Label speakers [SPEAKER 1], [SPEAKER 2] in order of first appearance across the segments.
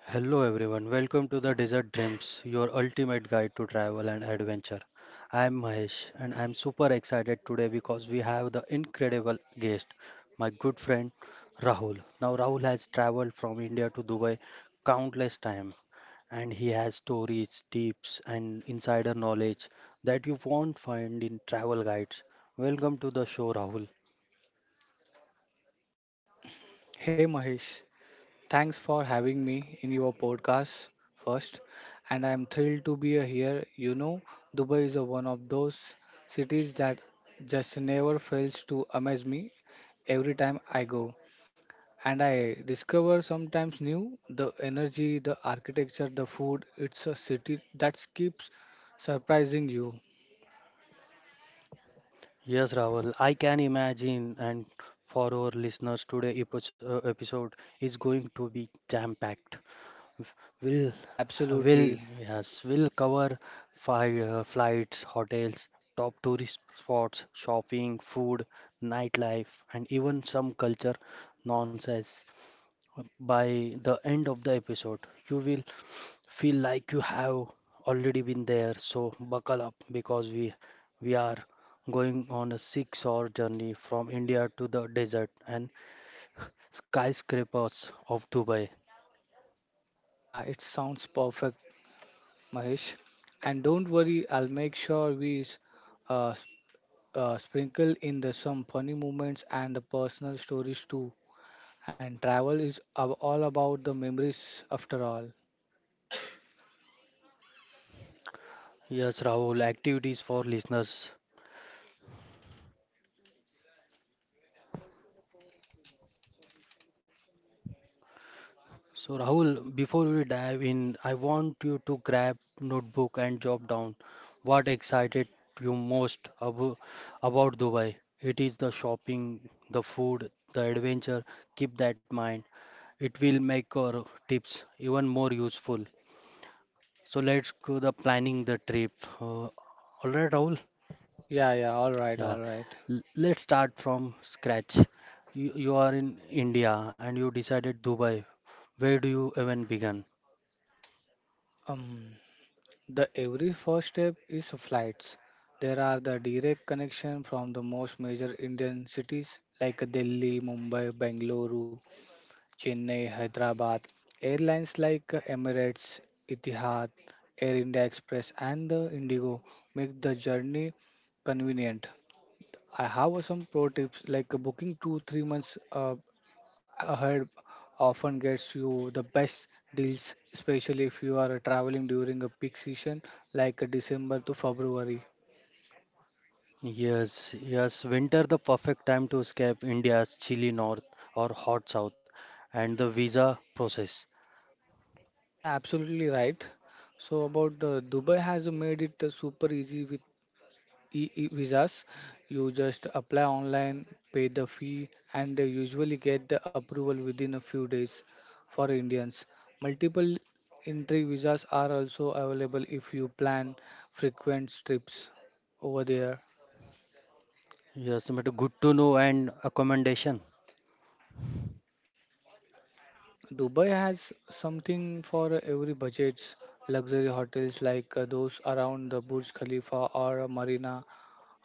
[SPEAKER 1] Hello everyone, welcome to the Desert Dreams, your ultimate guide to travel and adventure. I am Mahesh and I am super excited today because we have the incredible guest, my good friend Rahul. Now Rahul has traveled from India to Dubai countless times and he has stories, tips and insider knowledge that you won't find in travel guides. Welcome to the show Rahul.
[SPEAKER 2] Hey Mahesh, thanks for having me in your podcast first, and I am thrilled to be here. You know, Dubai is a one of those cities that just never fails to amaze me every time I go, and I discover sometimes new the energy, the architecture, the food. It's a city that keeps surprising you.
[SPEAKER 1] Yes, Rahul, I can imagine. And for our listeners, today episode is going to be jam-packed. We'll,
[SPEAKER 2] Yeah,
[SPEAKER 1] will
[SPEAKER 2] absolutely.
[SPEAKER 1] yes, we'll cover fi flights, hotels, top tourist spots, shopping, food, nightlife, and even some culture nonsense. By the end of the episode, you will feel like you have already been there. So buckle up because we are going on a 6-hour journey from India to the desert and skyscrapers of Dubai.
[SPEAKER 2] Yeah, it sounds perfect, Mahesh. And don't worry, I'll make sure we uh, sprinkle in the some funny moments and the personal stories too. And travel is all about the memories after all.
[SPEAKER 1] Yes, Rahul, activities for listeners. So Rahul, before we dive in, I want you to grab notebook and jot down what excited you most about Dubai. It is the shopping, the food, the adventure. Keep that mind. It will make our tips even more useful. So let's go the planning the trip. All right, Rahul?
[SPEAKER 2] Yeah, yeah, all right,
[SPEAKER 1] Yeah.
[SPEAKER 2] all right.
[SPEAKER 1] Let's start from scratch. You are in India and you decided Dubai. Where do you even begin?
[SPEAKER 2] Um, the every first step is flights. There are the direct connection from the most major Indian cities like Delhi, Mumbai, Bengaluru, Chennai, Hyderabad. Airlines like Emirates, Etihad, Air India Express, and the Indigo make the journey convenient. I have some pro tips like booking two, 3 months ahead often gets you the best deals, especially if you are traveling during a peak season like December to February.
[SPEAKER 1] Yes, yes, winter the perfect time to escape India's chilly north or hot south and the visa process.
[SPEAKER 2] Yeah, absolutely right. So about Dubai has made it super easy with visas. You just apply online, pay the fee, and they usually get the approval within a few days for Indians. Multiple entry visas are also available if you plan frequent trips over there.
[SPEAKER 1] Yes, but good to know and accommodation.
[SPEAKER 2] Dubai has something for every budgets. Luxury hotels like those around the Burj Khalifa or Marina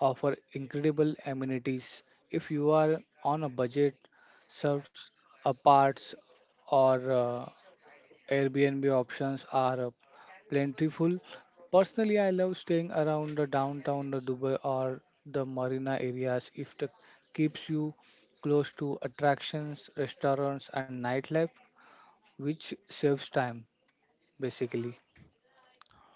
[SPEAKER 2] offer incredible amenities if you are on a budget serves aparts or Airbnb options are plentiful. Personally, I love staying around the downtown the Dubai or the Marina areas if it keeps you close to attractions, restaurants, and nightlife, which saves time basically.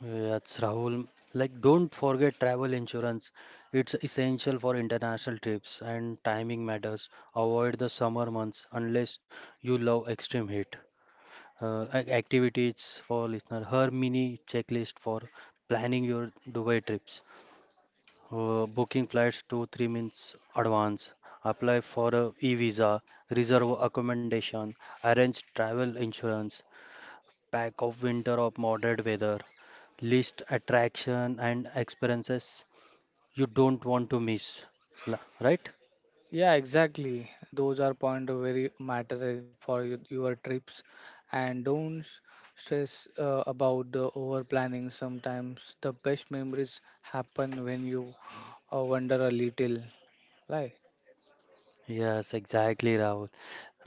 [SPEAKER 1] Yes, Rahul. Like, don't forget travel insurance. It's essential for international trips and timing matters. Avoid the summer months unless you love extreme heat. Activities for listener. Her mini checklist for planning your Dubai trips. Booking flights 2-3 months advance, apply for a e-visa, reserve accommodation, arrange travel insurance, pack of winter of moderate weather, list attraction and experiences you don't want to miss. Right?
[SPEAKER 2] Yeah, exactly. Those are point of very matter for your trips, and don't s- stress about the over planning. Sometimes the best memories happen when you wonder a little. Like
[SPEAKER 1] Yes, exactly, Rahul.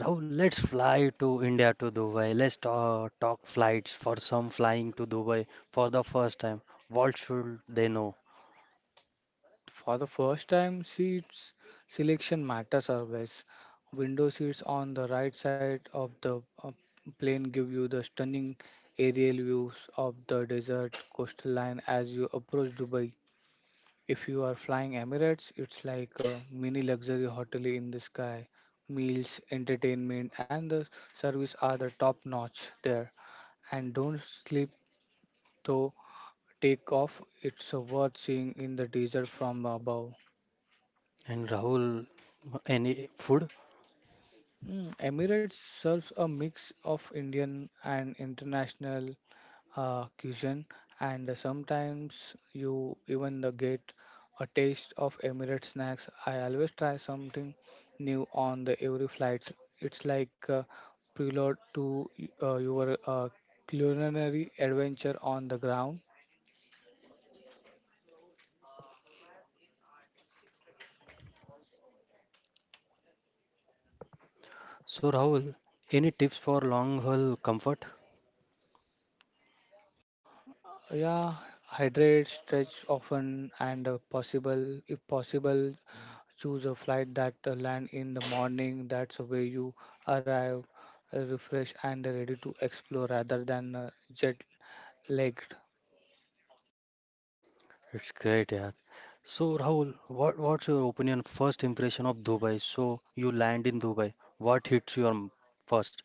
[SPEAKER 1] Rahul, let's fly to India to Dubai. Let's talk flights for some flying to Dubai for the first time. What should they know?
[SPEAKER 2] for the first time, seats selection matters always. Window seats on the right side of the plane give you the stunning aerial views of the desert coastal line as you approach Dubai. If you are flying Emirates, it's like a mini luxury hotel in the sky. Meals, entertainment, and the service are the top notch there. And don't sleep though, take off. It's worth seeing in the desert from above.
[SPEAKER 1] And Rahul, any food?
[SPEAKER 2] Mm, Emirates serves a mix of Indian and international cuisine, and sometimes you even get a taste of Emirates snacks. I always try something new on the every flights. It's like a prelude to your culinary adventure on the ground.
[SPEAKER 1] So Rahul, any tips for long haul comfort?
[SPEAKER 2] Yeah, hydrate, stretch often, and possible if possible choose a flight that land in the morning, that's where you arrive refreshed and ready to explore rather than jet lagged.
[SPEAKER 1] It's great, yeah. So Rahul, what what's your opinion, first impression of Dubai? So you land in Dubai, what hits you first?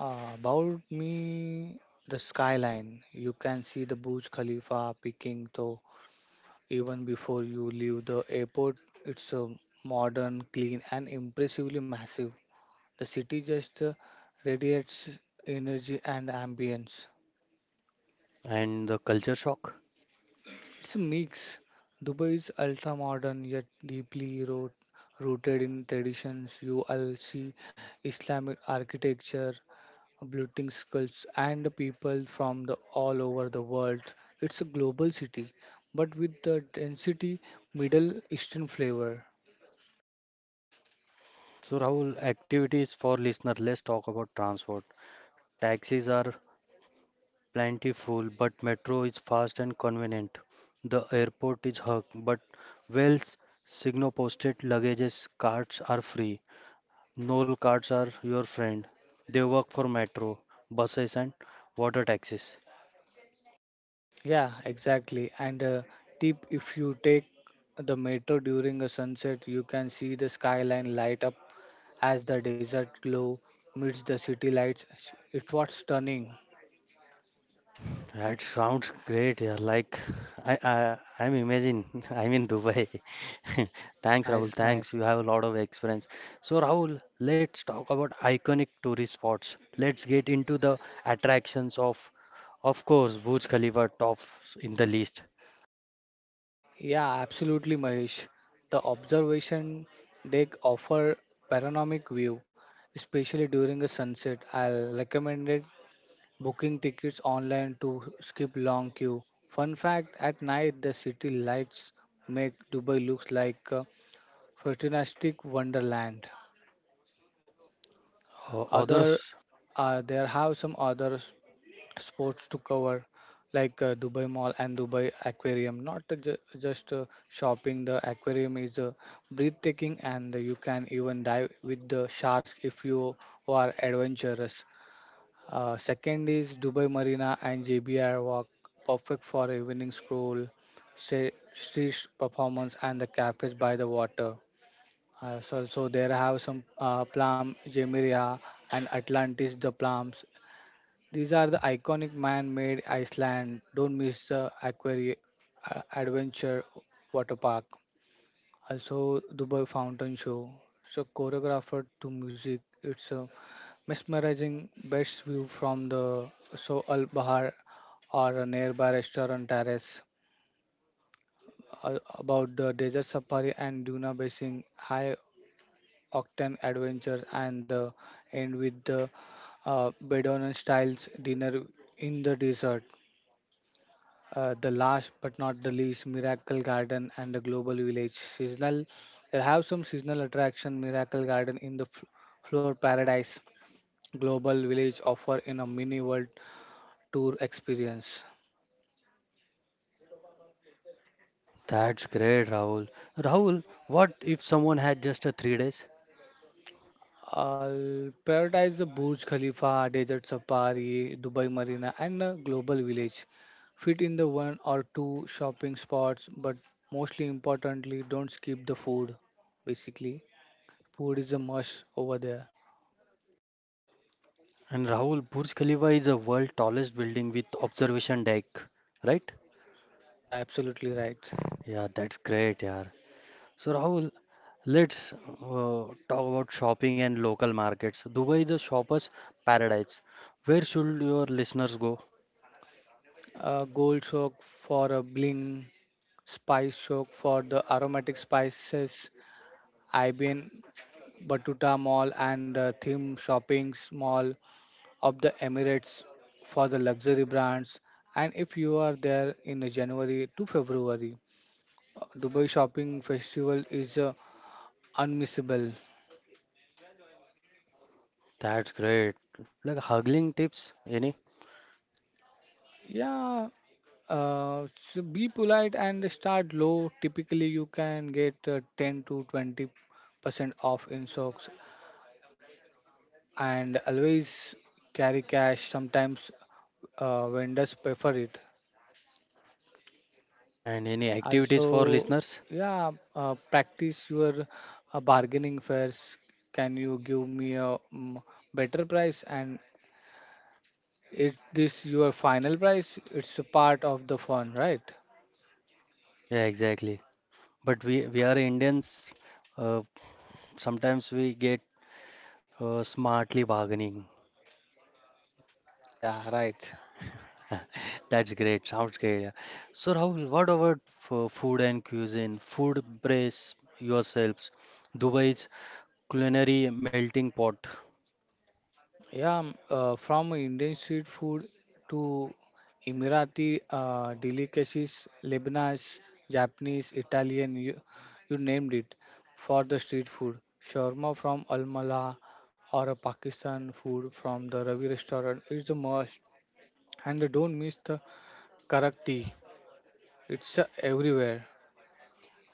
[SPEAKER 2] About me, the skyline, you can see the Burj Khalifa peking though even before you leave the airport. It's a modern, clean, and impressively massive. The city just radiates energy and ambience.
[SPEAKER 1] And the culture shock?
[SPEAKER 2] It's a mix. Dubai is ultra modern yet rooted in traditions. You will see Islamic architecture, building skulls, and people from all over the world. It's a global city, but with the density Middle Eastern flavor.
[SPEAKER 1] So Rahul, activities for listener, let's talk about transport. Taxis are plentiful, but metro is fast and convenient. The airport is hug, but Wells signal posted luggages carts are free. Knoll cards are your friend. They work for metro, buses, and water taxis.
[SPEAKER 2] Yeah, exactly. And tip, if you take the metro during a sunset, you can see the skyline light up as the desert glow meets the city lights. It was stunning.
[SPEAKER 1] That sounds great. Yeah, like I'm imagine I'm in Dubai. Thanks, Rahul.
[SPEAKER 2] Nice,
[SPEAKER 1] Thanks.
[SPEAKER 2] nice.
[SPEAKER 1] You have a lot of experience. So, Rahul, let's talk about iconic tourist spots. Let's get into the attractions of course, Burj Khalifa tops in the list.
[SPEAKER 2] Yeah, absolutely, Mahesh. The observation deck offer panoramic view, especially during a sunset. I'll recommend it booking tickets online to skip long queue. Fun fact, at night the city lights make Dubai looks like a futuristic wonderland. Other
[SPEAKER 1] Others,
[SPEAKER 2] there have some other sports to cover like Dubai Mall and Dubai Aquarium. Not ju- just shopping, the aquarium is breathtaking and you can even dive with the sharks if you are adventurous. Second is Dubai Marina and JBR Walk, perfect for evening stroll, street performance and the cafes by the water. So there have some Plum, Jemiria, and Atlantis the Plums. These are the iconic man-made Iceland. Don't miss the Aquari Adventure Water Park. Also, Dubai Fountain Show. So choreographer to music. It's a mesmerizing best view from the So Al Bahar or a nearby restaurant terrace. About the desert safari and Duna Basin, high octane adventure, and the end with the Bedouin styles dinner in the desert. The last but not the least, Miracle Garden and the Global Village. Seasonal, there have some seasonal attraction. Miracle Garden in the fl- floor paradise. Global Village offer in a mini world tour experience.
[SPEAKER 1] that's great, Rahul. Rahul, what if someone had just a 3 days?
[SPEAKER 2] I'll prioritize the Burj Khalifa, Desert Safari, Dubai Marina, and the Global Village. Fit in the one or two shopping spots, but mostly importantly, don't skip the food. Basically, food is a must over there.
[SPEAKER 1] And Rahul, Burj Khalifa is a world tallest building with observation deck, right?
[SPEAKER 2] Yeah, yeah, absolutely right.
[SPEAKER 1] Yeah, that's great, yeah. So Rahul, let's talk about shopping and local markets. Dubai is a shopper's paradise. Where should your listeners go?
[SPEAKER 2] Gold soak for a bling, spice soak for the aromatic spices, Ibn Batuta Mall and the theme shopping mall of the Emirates for the luxury brands. And if you are there in January to February, Dubai Shopping Festival is unmissable.
[SPEAKER 1] That's great. Like haggling tips, any
[SPEAKER 2] Yeah, so be polite and start low. Typically, you can get 10 to 20% off in socks and always carry cash. Sometimes vendors prefer it.
[SPEAKER 1] and any activities
[SPEAKER 2] Also,
[SPEAKER 1] for listeners?
[SPEAKER 2] yeah, practice your bargaining first. Can you give me a better price? And is this your final price? It's a part of the fun, right?
[SPEAKER 1] Yeah, exactly. But we are Indians. Uh, Sometimes we get smartly bargaining.
[SPEAKER 2] Ah, yeah, right.
[SPEAKER 1] That's great. Sounds great. Yeah. So, Rahul, what about for food and cuisine? Food, brace yourselves. Dubai's culinary melting pot.
[SPEAKER 2] Yeah, from Indian street food to Emirati delicacies, Lebanese, Japanese, Italian, you named it for the street food. Shawarma from Almala or a Pakistan food from the Ravi restaurant is the must. And don't miss the karak tea. It's everywhere.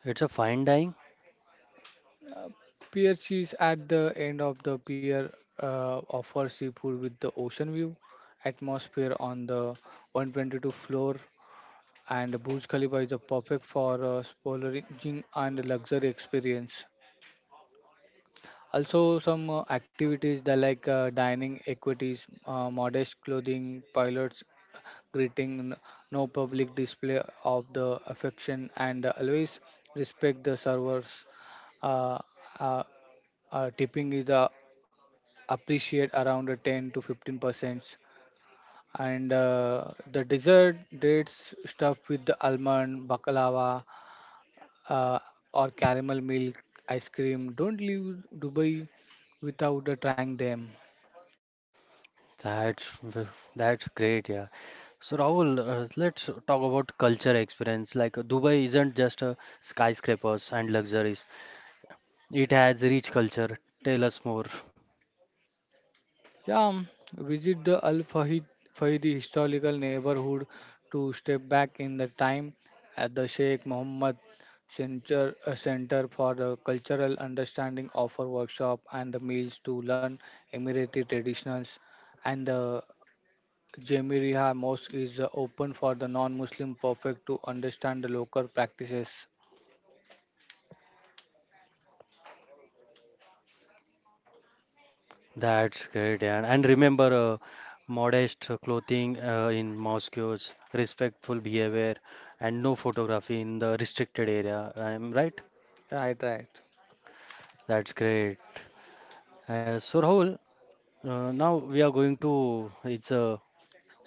[SPEAKER 1] It's a fine dining.
[SPEAKER 2] Pier cheese at the end of the pier offers seafood with the ocean view atmosphere on the 122 floor and Burj Khalifa is a perfect for splurging and luxury experience. Also, some activities that like dining equities, modest clothing, pilots greeting, no public display of the affection, and always respect the servers. Uh, uh, Tipping is appreciate around 10 to 15%, and the dessert dates stuffed with the almond baklava uh, or caramel milk ice cream. Don't leave Dubai without trying them.
[SPEAKER 1] That's v- that's great. Yeah. So, Rahul, let's talk about culture experience. Like Dubai isn't just a skyscrapers and luxuries. It has rich culture. Tell us more.
[SPEAKER 2] Yeah, visit the Al Fahid Fahidi historical neighborhood to step back in the time at the Sheikh Mohammed Center, Center for the Cultural Understanding offer workshop and the meals to learn Emirati traditions, and the Jamiriya Mosque is open for the non-Muslim, perfect to understand the local practices.
[SPEAKER 1] That's great, yeah. And remember, modest clothing in mosques, respectful behavior, and no photography in the restricted area. I'm right?
[SPEAKER 2] Right, right.
[SPEAKER 1] That's great. So Rahul, now we are going to it's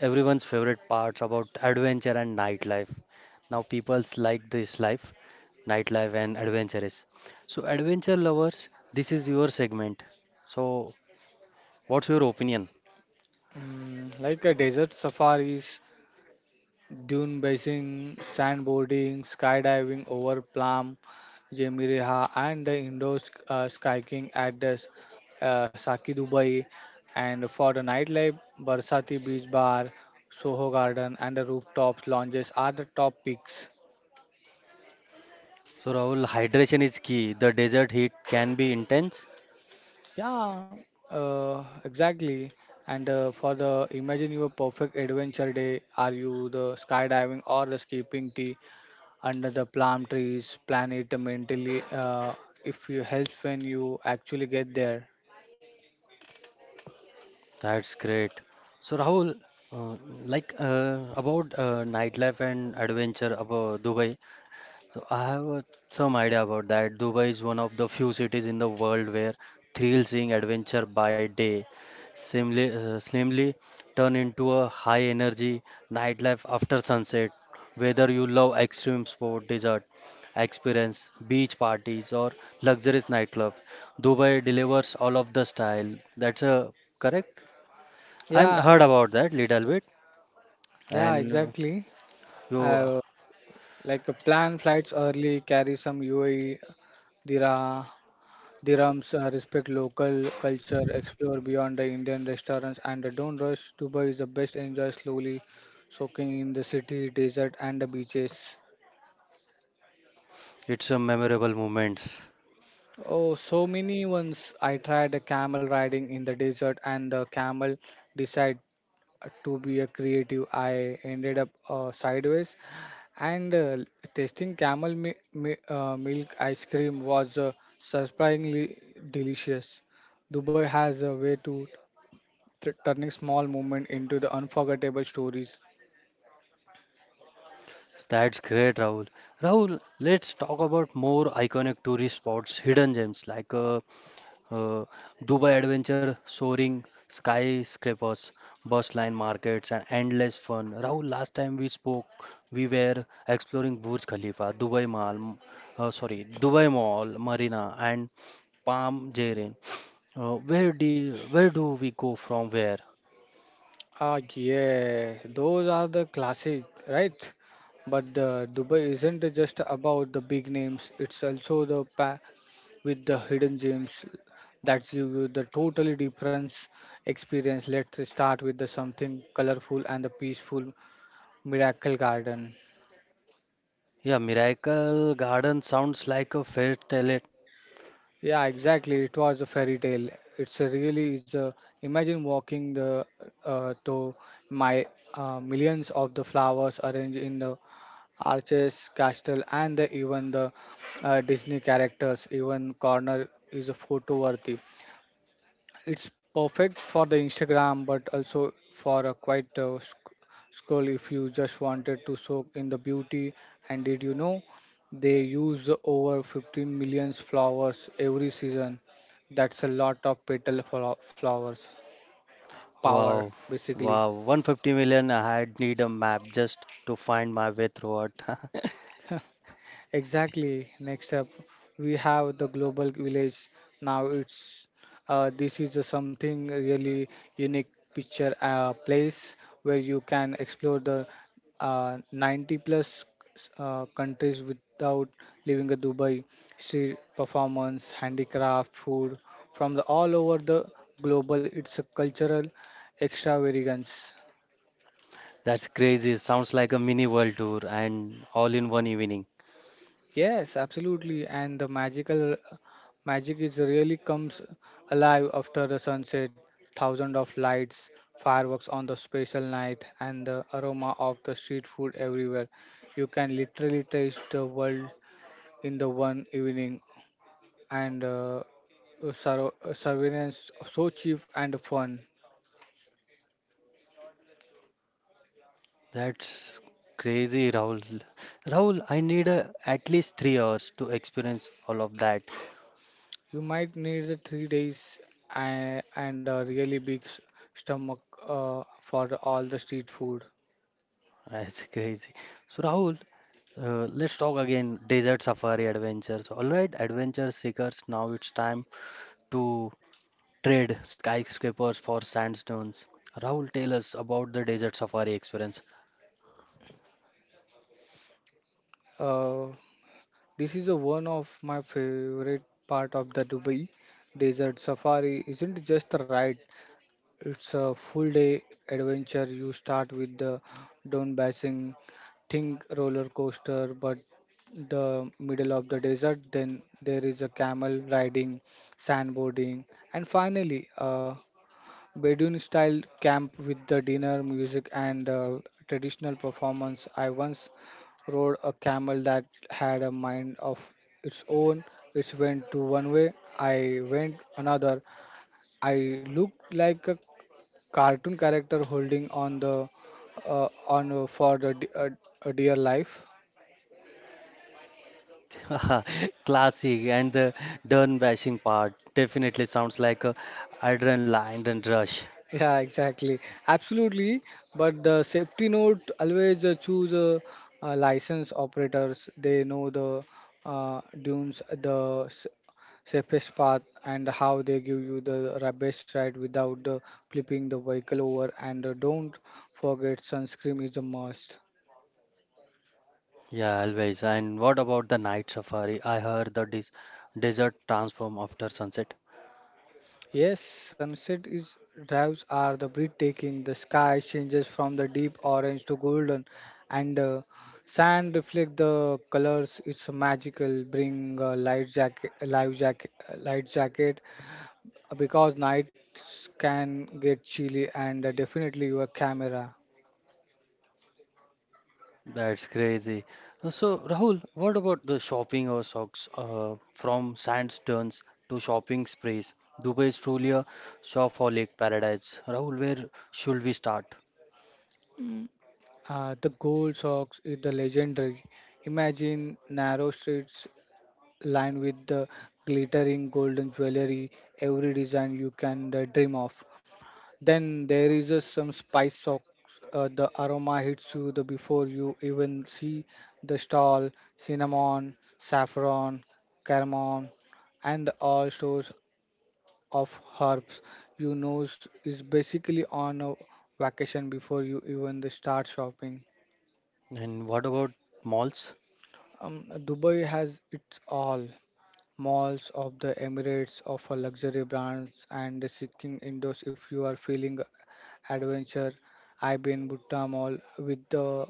[SPEAKER 1] everyone's favorite parts about adventure and nightlife. Now people's like this life, nightlife and adventure is. So adventure lovers, this is your segment. So what's your opinion?
[SPEAKER 2] Mm, like a desert safaris, dune basing, sandboarding, skydiving over Plum, Jemireha, and the indoor skiing at the Saki Dubai. And for the nightlife, Barsati Beach Bar, Soho Garden, and the rooftops lounges are the top picks.
[SPEAKER 1] So Rahul, hydration is key. The desert heat can be intense.
[SPEAKER 2] Yeah, exactly. And for the imagine your perfect adventure day, are you the skydiving or the skipping tea under the palm trees? Plan it mentally. If you helps when you actually get there.
[SPEAKER 1] That's great. So Rahul, uh, like about nightlife and adventure about Dubai. So I have some idea about that. Dubai is one of the few cities in the world where thrill seeing adventure by day slimly turn into a high energy nightlife after sunset. Whether you love extreme sport, desert experience, beach parties, or luxurious nightclub, Dubai delivers all of the style. That's correct? I have
[SPEAKER 2] Yeah,
[SPEAKER 1] heard about that little bit,
[SPEAKER 2] yeah,
[SPEAKER 1] and
[SPEAKER 2] exactly.
[SPEAKER 1] you,
[SPEAKER 2] Uh, like a plan flights early, carry some UAE dira, dirhams, respect local culture, explore beyond the Indian restaurants, and don't rush. Dubai is the best. Enjoy slowly, soaking in the city, desert, and the beaches.
[SPEAKER 1] it's a memorable moments.
[SPEAKER 2] Oh, so many ones. I tried a camel riding in the desert, and the camel decided to be a creative. I ended up sideways, and tasting camel milk ice cream was surprisingly delicious. Dubai has a way to turning small moments into the unforgettable stories.
[SPEAKER 1] That's great, Rahul. Rahul, let's talk about more iconic tourist spots, hidden gems like uh, Dubai Adventure, soaring skyscrapers, bus line markets, and endless fun. Rahul, last time we spoke, we were exploring Burj Khalifa, Dubai Mall, sorry, Dubai Mall, Marina, and Palm Jaren. Where do we go from where?
[SPEAKER 2] Ah, yeah, those are the classic, right? But Dubai isn't just about the big names, it's also the with the hidden gems that give you the totally different experience. Let's start with the something colorful and the peaceful Miracle Garden.
[SPEAKER 1] Yeah, Miracle Garden sounds like a fairy tale.
[SPEAKER 2] Yeah, exactly. It was a fairy tale. It's a really is a Imagine walking the to my millions of the flowers arranged in the arches, castle, and the, even the Disney characters. Even corner is a photo worthy. It's perfect for the Instagram, but also for a quiet scroll if you just wanted to soak in the beauty. And did you know they use over 15 million flowers every season? That's a lot of petal flowers power,
[SPEAKER 1] Wow,
[SPEAKER 2] basically.
[SPEAKER 1] wow, 150 million. I had need a map just to find my way throughout.
[SPEAKER 2] Exactly. Next up, we have the Global Village. Now it's this is a something really unique picture place where you can explore the 90 plus countries without leaving a Dubai. See performance, handicraft, food from the all over the global. It's a cultural extravagance.
[SPEAKER 1] That's crazy. Sounds like a mini world tour and all in one evening.
[SPEAKER 2] Yes, absolutely. And the magic is really comes alive after the sunset, thousands of lights, fireworks on the special night, and the aroma of the street food everywhere. You can literally taste the world in the one evening, and surveillance so cheap and fun.
[SPEAKER 1] That's crazy, Rahul. Rahul, I need at least 3 hours to experience all of that.
[SPEAKER 2] You might need the 3 days and a really big stomach, for all the street food.
[SPEAKER 1] That's crazy. So, Rahul, let's talk again desert safari adventures. All right, adventure seekers, now it's time to trade skyscrapers for sandstones. Rahul, tell us about the desert safari experience.
[SPEAKER 2] Uh, This is a one of my favorite part of the Dubai desert safari. Isn't just a ride; it's a full day adventure. You start with the Don Basin, think roller coaster, but the middle of the desert. Then there is a camel riding, sandboarding, and finally a Bedouin style camp with the dinner, music, and traditional performance. I once rode a camel that had a mind of its own. It went to one way, I went another. I looked like a cartoon character holding on the on for the de- a dear life.
[SPEAKER 1] Classic and the done bashing part definitely sounds like a adrenaline and rush.
[SPEAKER 2] Yeah, exactly. Absolutely. But the safety note, always choose license operators. They know the dunes, the safest path, and how they give you the best ride without flipping the vehicle over. And don't forget, sunscreen is a must.
[SPEAKER 1] Yeah, always. And what about the night safari? I heard the desert transform after sunset.
[SPEAKER 2] Yes, sunset is drives are the breathtaking. The sky changes from the deep orange to golden, and sand reflect the colors. It's magical. Bring a light jacket, life jacket, light jacket, because nights can get chilly, and definitely your camera.
[SPEAKER 1] That's crazy. So, Rahul, what about the shopping or socks from sandstorms to shopping sprees? Dubai is truly a shopaholic paradise. Rahul, where should we start?
[SPEAKER 2] The gold socks is the legendary. Imagine narrow streets lined with the glittering golden jewelry. Every design you can dream of. Then there is just some spice socks. The aroma hits you the before you even see the stall. Cinnamon, saffron, cardamom, and all sorts of herbs. You nose is basically on a vacation before you even the start shopping.
[SPEAKER 1] And what about malls?
[SPEAKER 2] Dubai has it all. Malls of the Emirates offer luxury brands and seeking indoors if you are feeling adventure. I've been Bhutta Mall with the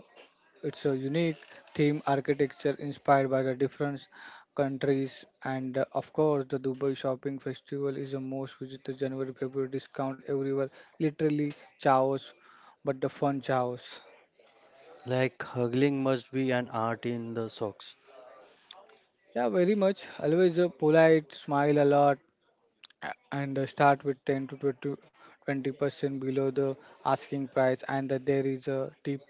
[SPEAKER 2] it's a unique theme architecture inspired by the different countries, and of course the Dubai Shopping Festival is the most visited January February discount everywhere literally chaos, but the fun chaos.
[SPEAKER 1] Like, hustling must be an art in the socks.
[SPEAKER 2] Yeah, very much. Always a polite, smile a lot, and start with 10 to 20% below the asking price, and that there is a tip,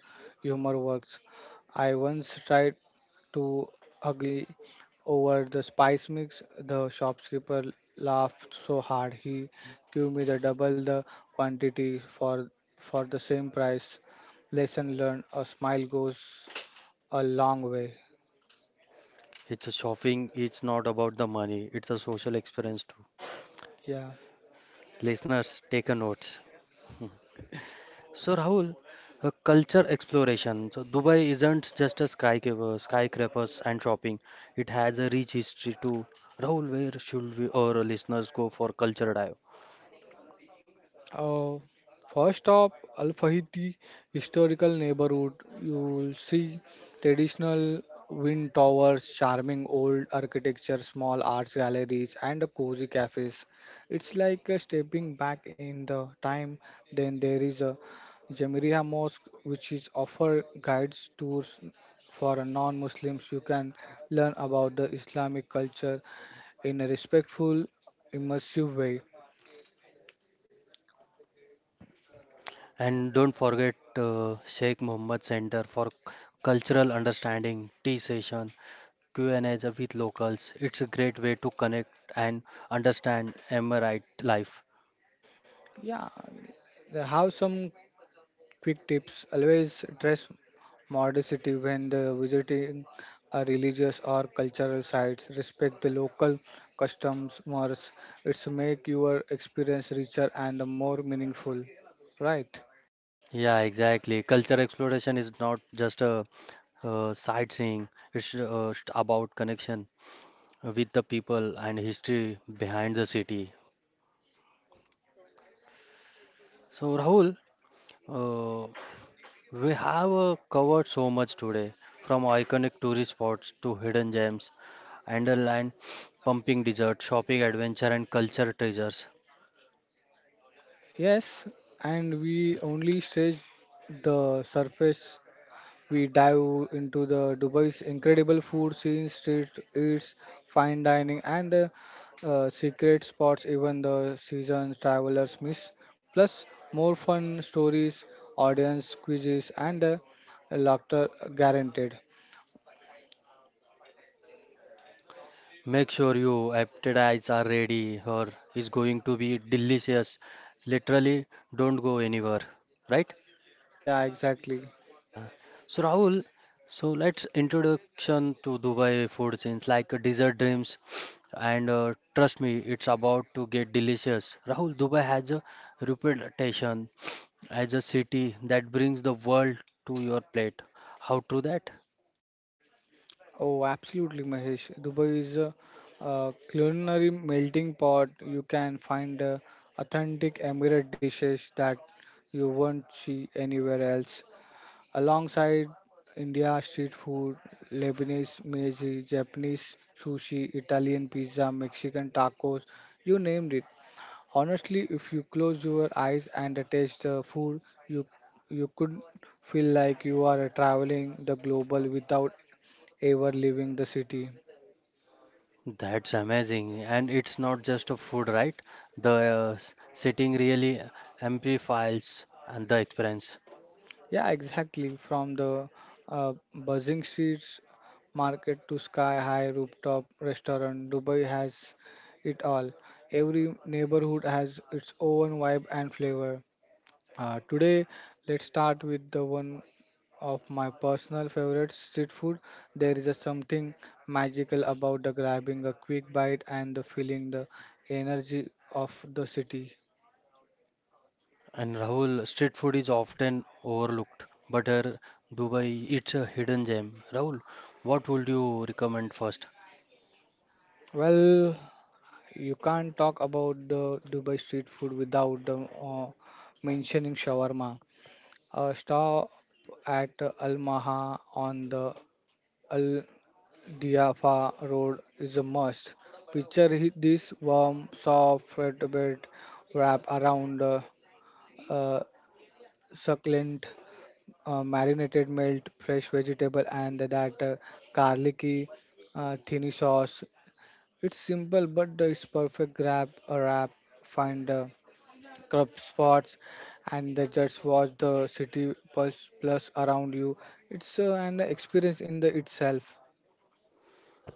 [SPEAKER 2] humor works. I once tried to ugly over the spice mix. The shopkeeper laughed so hard he gave me the double the quantity for for the same price. Lesson learned, a smile goes a long way.
[SPEAKER 1] It's a shopping, it's not about the money, it's a social experience too.
[SPEAKER 2] Yeah.
[SPEAKER 1] Listeners, take a note. So Rahul, culture exploration. So Dubai isn't just a skyscrapers and shopping. It has a rich history too. Rahul, where should we or our listeners go for culture dive?
[SPEAKER 2] Uh, First up, Al Fahiti historical neighborhood. You'll see traditional wind towers, charming old architecture, small arts galleries, and cozy cafes. It's like stepping back in the time. Then there is a Jamiriya Mosque, which is offer guides tours for non-Muslims. You can learn about the Islamic culture in a respectful, immersive way.
[SPEAKER 1] And don't forget Sheikh Mohammed Center for Cultural Understanding tea session, Q&As with locals. It's a great way to connect and understand Emirate life.
[SPEAKER 2] Yeah, they have some quick tips. Always dress modestly when the visiting a religious or cultural sites. Respect the local customs, mores. It's make your experience richer and more meaningful. Right.
[SPEAKER 1] Yeah, exactly. Culture exploration is not just a sightseeing. It's about connection with the people and history behind the city. So, Rahul, uh, we have covered so much today from iconic tourist spots to hidden gems, underland, pumping dessert, shopping adventure, and culture treasures.
[SPEAKER 2] Yes, and we only stage the surface. We dive into the Dubai's incredible food scene, street eats, fine dining, and the secret spots even the seasoned travelers miss. Plus, more fun stories, audience quizzes, and laughter guaranteed.
[SPEAKER 1] Make sure you appetites are ready, or is going to be delicious. Literally, don't go anywhere, right?
[SPEAKER 2] Yeah, exactly.
[SPEAKER 1] Uh, so Rahul, so let's introduction to Dubai food scenes like dessert dreams, and trust me, it's about to get delicious. Rahul, Dubai has a reputation as a city that brings the world to your plate. How true that?
[SPEAKER 2] Oh, absolutely, Mahesh. Dubai is a culinary melting pot. You can find authentic Emirate dishes that you won't see anywhere else. Alongside India street food, Lebanese meiji, Japanese sushi, Italian pizza, Mexican tacos, you named it. Honestly, if you close your eyes and taste the food, you you could feel like you are traveling the global without ever leaving the city.
[SPEAKER 1] That's amazing, and it's not just a food, right? The setting really amplifies and the experience.
[SPEAKER 2] Yeah, exactly. From the buzzing streets market to sky high rooftop restaurant, Dubai has it all. Every neighborhood has its own vibe and flavor. Today, let's start with the one of my personal favorites, street food. There is a something magical about the grabbing a quick bite and the feeling the energy of the city.
[SPEAKER 1] And Rahul, street food is often overlooked, but Dubai, it's a hidden gem. Rahul, what would you recommend first?
[SPEAKER 2] Well, you can't talk about the Dubai street food without mentioning shawarma. A stop at Al Maha on the Al Diafa Road is a must. Picture this warm, soft flatbread wrap around uh, succulent marinated melt, fresh vegetable, and that garlicky thinny sauce. It's simple, but it's perfect. Grab a wrap, find. Corrupt spots, and they just watch the city pulse plus around you. It's an experience in the itself.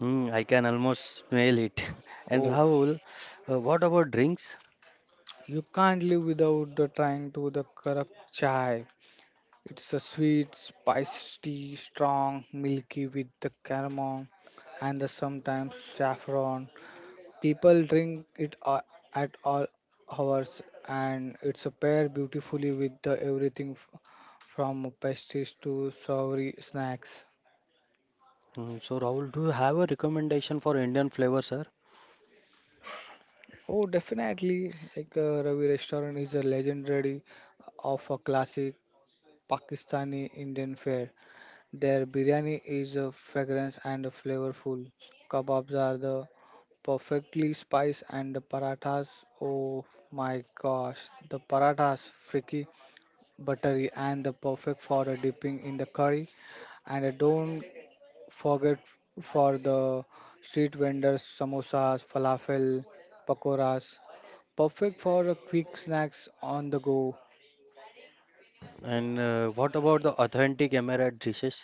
[SPEAKER 1] Hmm, I can almost smell it. And
[SPEAKER 2] Oh,
[SPEAKER 1] Rahul, what about drinks?
[SPEAKER 2] you can't live without the trying to the corrupt chai. It's a sweet, spicy, strong, milky with the caramel and the sometimes saffron. People drink it at all hours, and it's a pair beautifully with the everything from pastries to savory snacks.
[SPEAKER 1] Hmm, so Rahul, do you have a recommendation for Indian flavor, sir?
[SPEAKER 2] Oh, definitely. Like Ravi Restaurant is a legendary of a classic Pakistani Indian fare. Their biryani is a fragrance and a flavorful. Kebabs are the perfectly spiced and the parathas. Oh my gosh, the parathas freaky, buttery, and the perfect for a dipping in the curry. And don't forget for the street vendors, samosas, falafel, pakoras, perfect for a quick snacks on the go.
[SPEAKER 1] And what about the authentic Emirate dishes?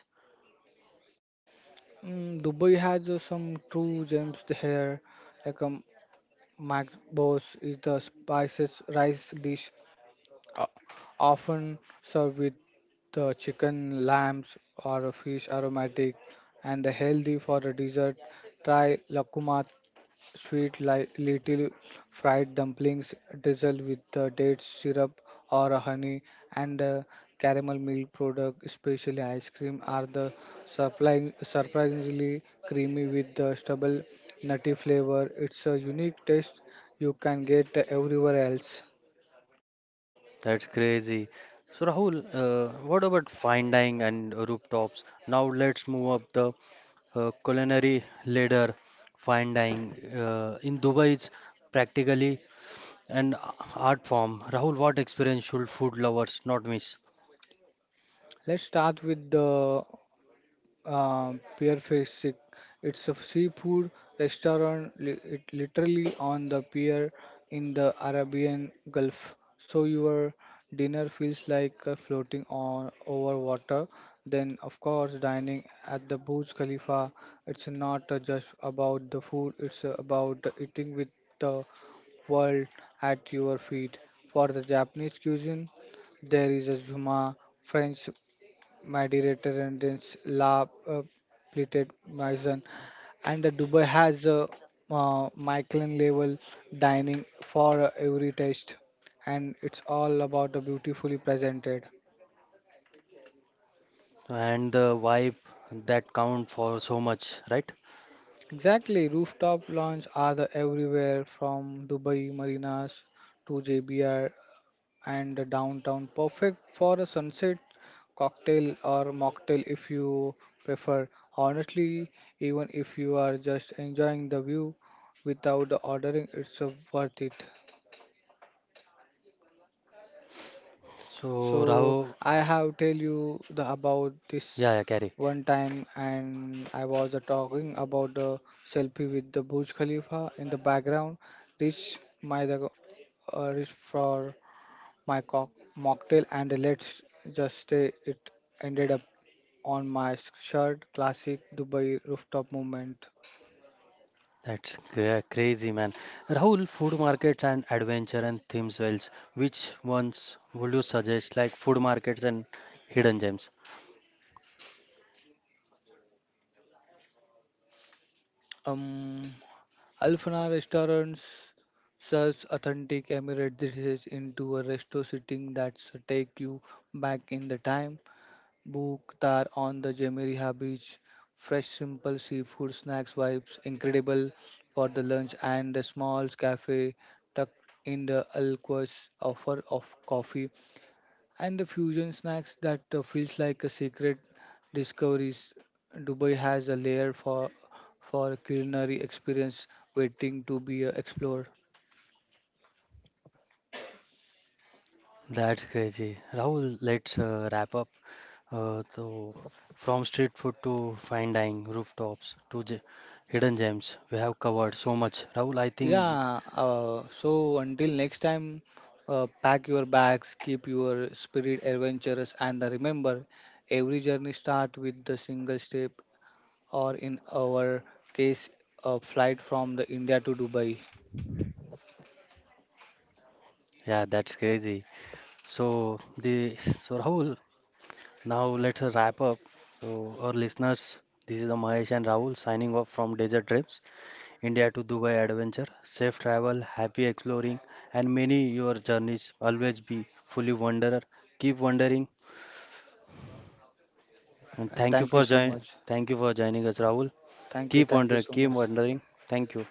[SPEAKER 2] Mm, Dubai has some true gems here, like macbos is the spices rice dish, uh, often served with the chicken, lambs, or a fish aromatic, and the healthy for a dessert. Try lakumat, sweet little fried dumplings drizzled with the date syrup or honey, and caramel milk product, especially ice cream, are the surprisingly creamy with the stubble nutty flavor. It's a unique taste you can get everywhere else.
[SPEAKER 1] That's crazy. So Rahul, what about fine dining and rooftops? Now let's move up the culinary ladder, fine dining. In Dubai, it's practically an art form. Rahul, what experience should food lovers not miss?
[SPEAKER 2] Let's start with the uh, Pier Fishing. It's a seafood restaurant it literally on the pier in the Arabian Gulf. So your dinner feels like floating on over water. Then, of course, dining at the Burj Khalifa. It's not just about the food. It's about eating with the world at your feet. For the Japanese cuisine, there is a Zuma French my director and attendants, La Plated Maison, and the Dubai has a Michelin level dining for every taste, and it's all about the beautifully presented.
[SPEAKER 1] And the vibe that count for so much, right?
[SPEAKER 2] Exactly, rooftop lounge are the everywhere from Dubai marinas to JBR and downtown, perfect for a sunset cocktail or mocktail if you prefer. Honestly, even if you are just enjoying the view without the ordering, it's worth it.
[SPEAKER 1] So
[SPEAKER 2] So
[SPEAKER 1] Rahul,
[SPEAKER 2] I have tell you the, about this
[SPEAKER 1] yeah, yeah, carry.
[SPEAKER 2] one time, and I was talking about the selfie with the Burj Khalifa in the background. Reach my the Reach for my mocktail, and let's just say it ended up on my shirt. Classic Dubai rooftop movement.
[SPEAKER 1] That's crazy, man. Rahul, food markets and adventure and theme wells. Which ones would you suggest, like food markets and hidden gems?
[SPEAKER 2] Um, Alfana restaurants serves authentic Emirate dishes into a resto sitting that's take you back in the time. Book tar on the Jamiriha beach. Fresh, simple seafood snacks vibes incredible for the lunch, and the small cafe tucked in the alcove offer of coffee and the fusion snacks that feels like a secret discoveries. Dubai has a layer for culinary experience waiting to be explored.
[SPEAKER 1] That's crazy. Rahul, let's wrap up. So from street food to fine dining, rooftops to hidden gems, we have covered so much. Rahul, I think,
[SPEAKER 2] Yeah, so until next time, pack your bags, keep your spirit adventurous, and remember, every journey starts with the single step, or in our case, a flight from the India to Dubai.
[SPEAKER 1] yeah, that's crazy. So the so Rahul, now let's wrap up. So our listeners, this is the Mahesh and Rahul signing off from Desert Trips, India to Dubai Adventure. Safe travel, happy exploring, and many your journeys always be fully wanderer. Keep wandering, and
[SPEAKER 2] And
[SPEAKER 1] thank you
[SPEAKER 2] thank you
[SPEAKER 1] for
[SPEAKER 2] so
[SPEAKER 1] join.
[SPEAKER 2] much.
[SPEAKER 1] Thank you for joining us, Rahul. Keep
[SPEAKER 2] Thank you
[SPEAKER 1] wondering,
[SPEAKER 2] so
[SPEAKER 1] keep
[SPEAKER 2] much.
[SPEAKER 1] wondering. Thank you.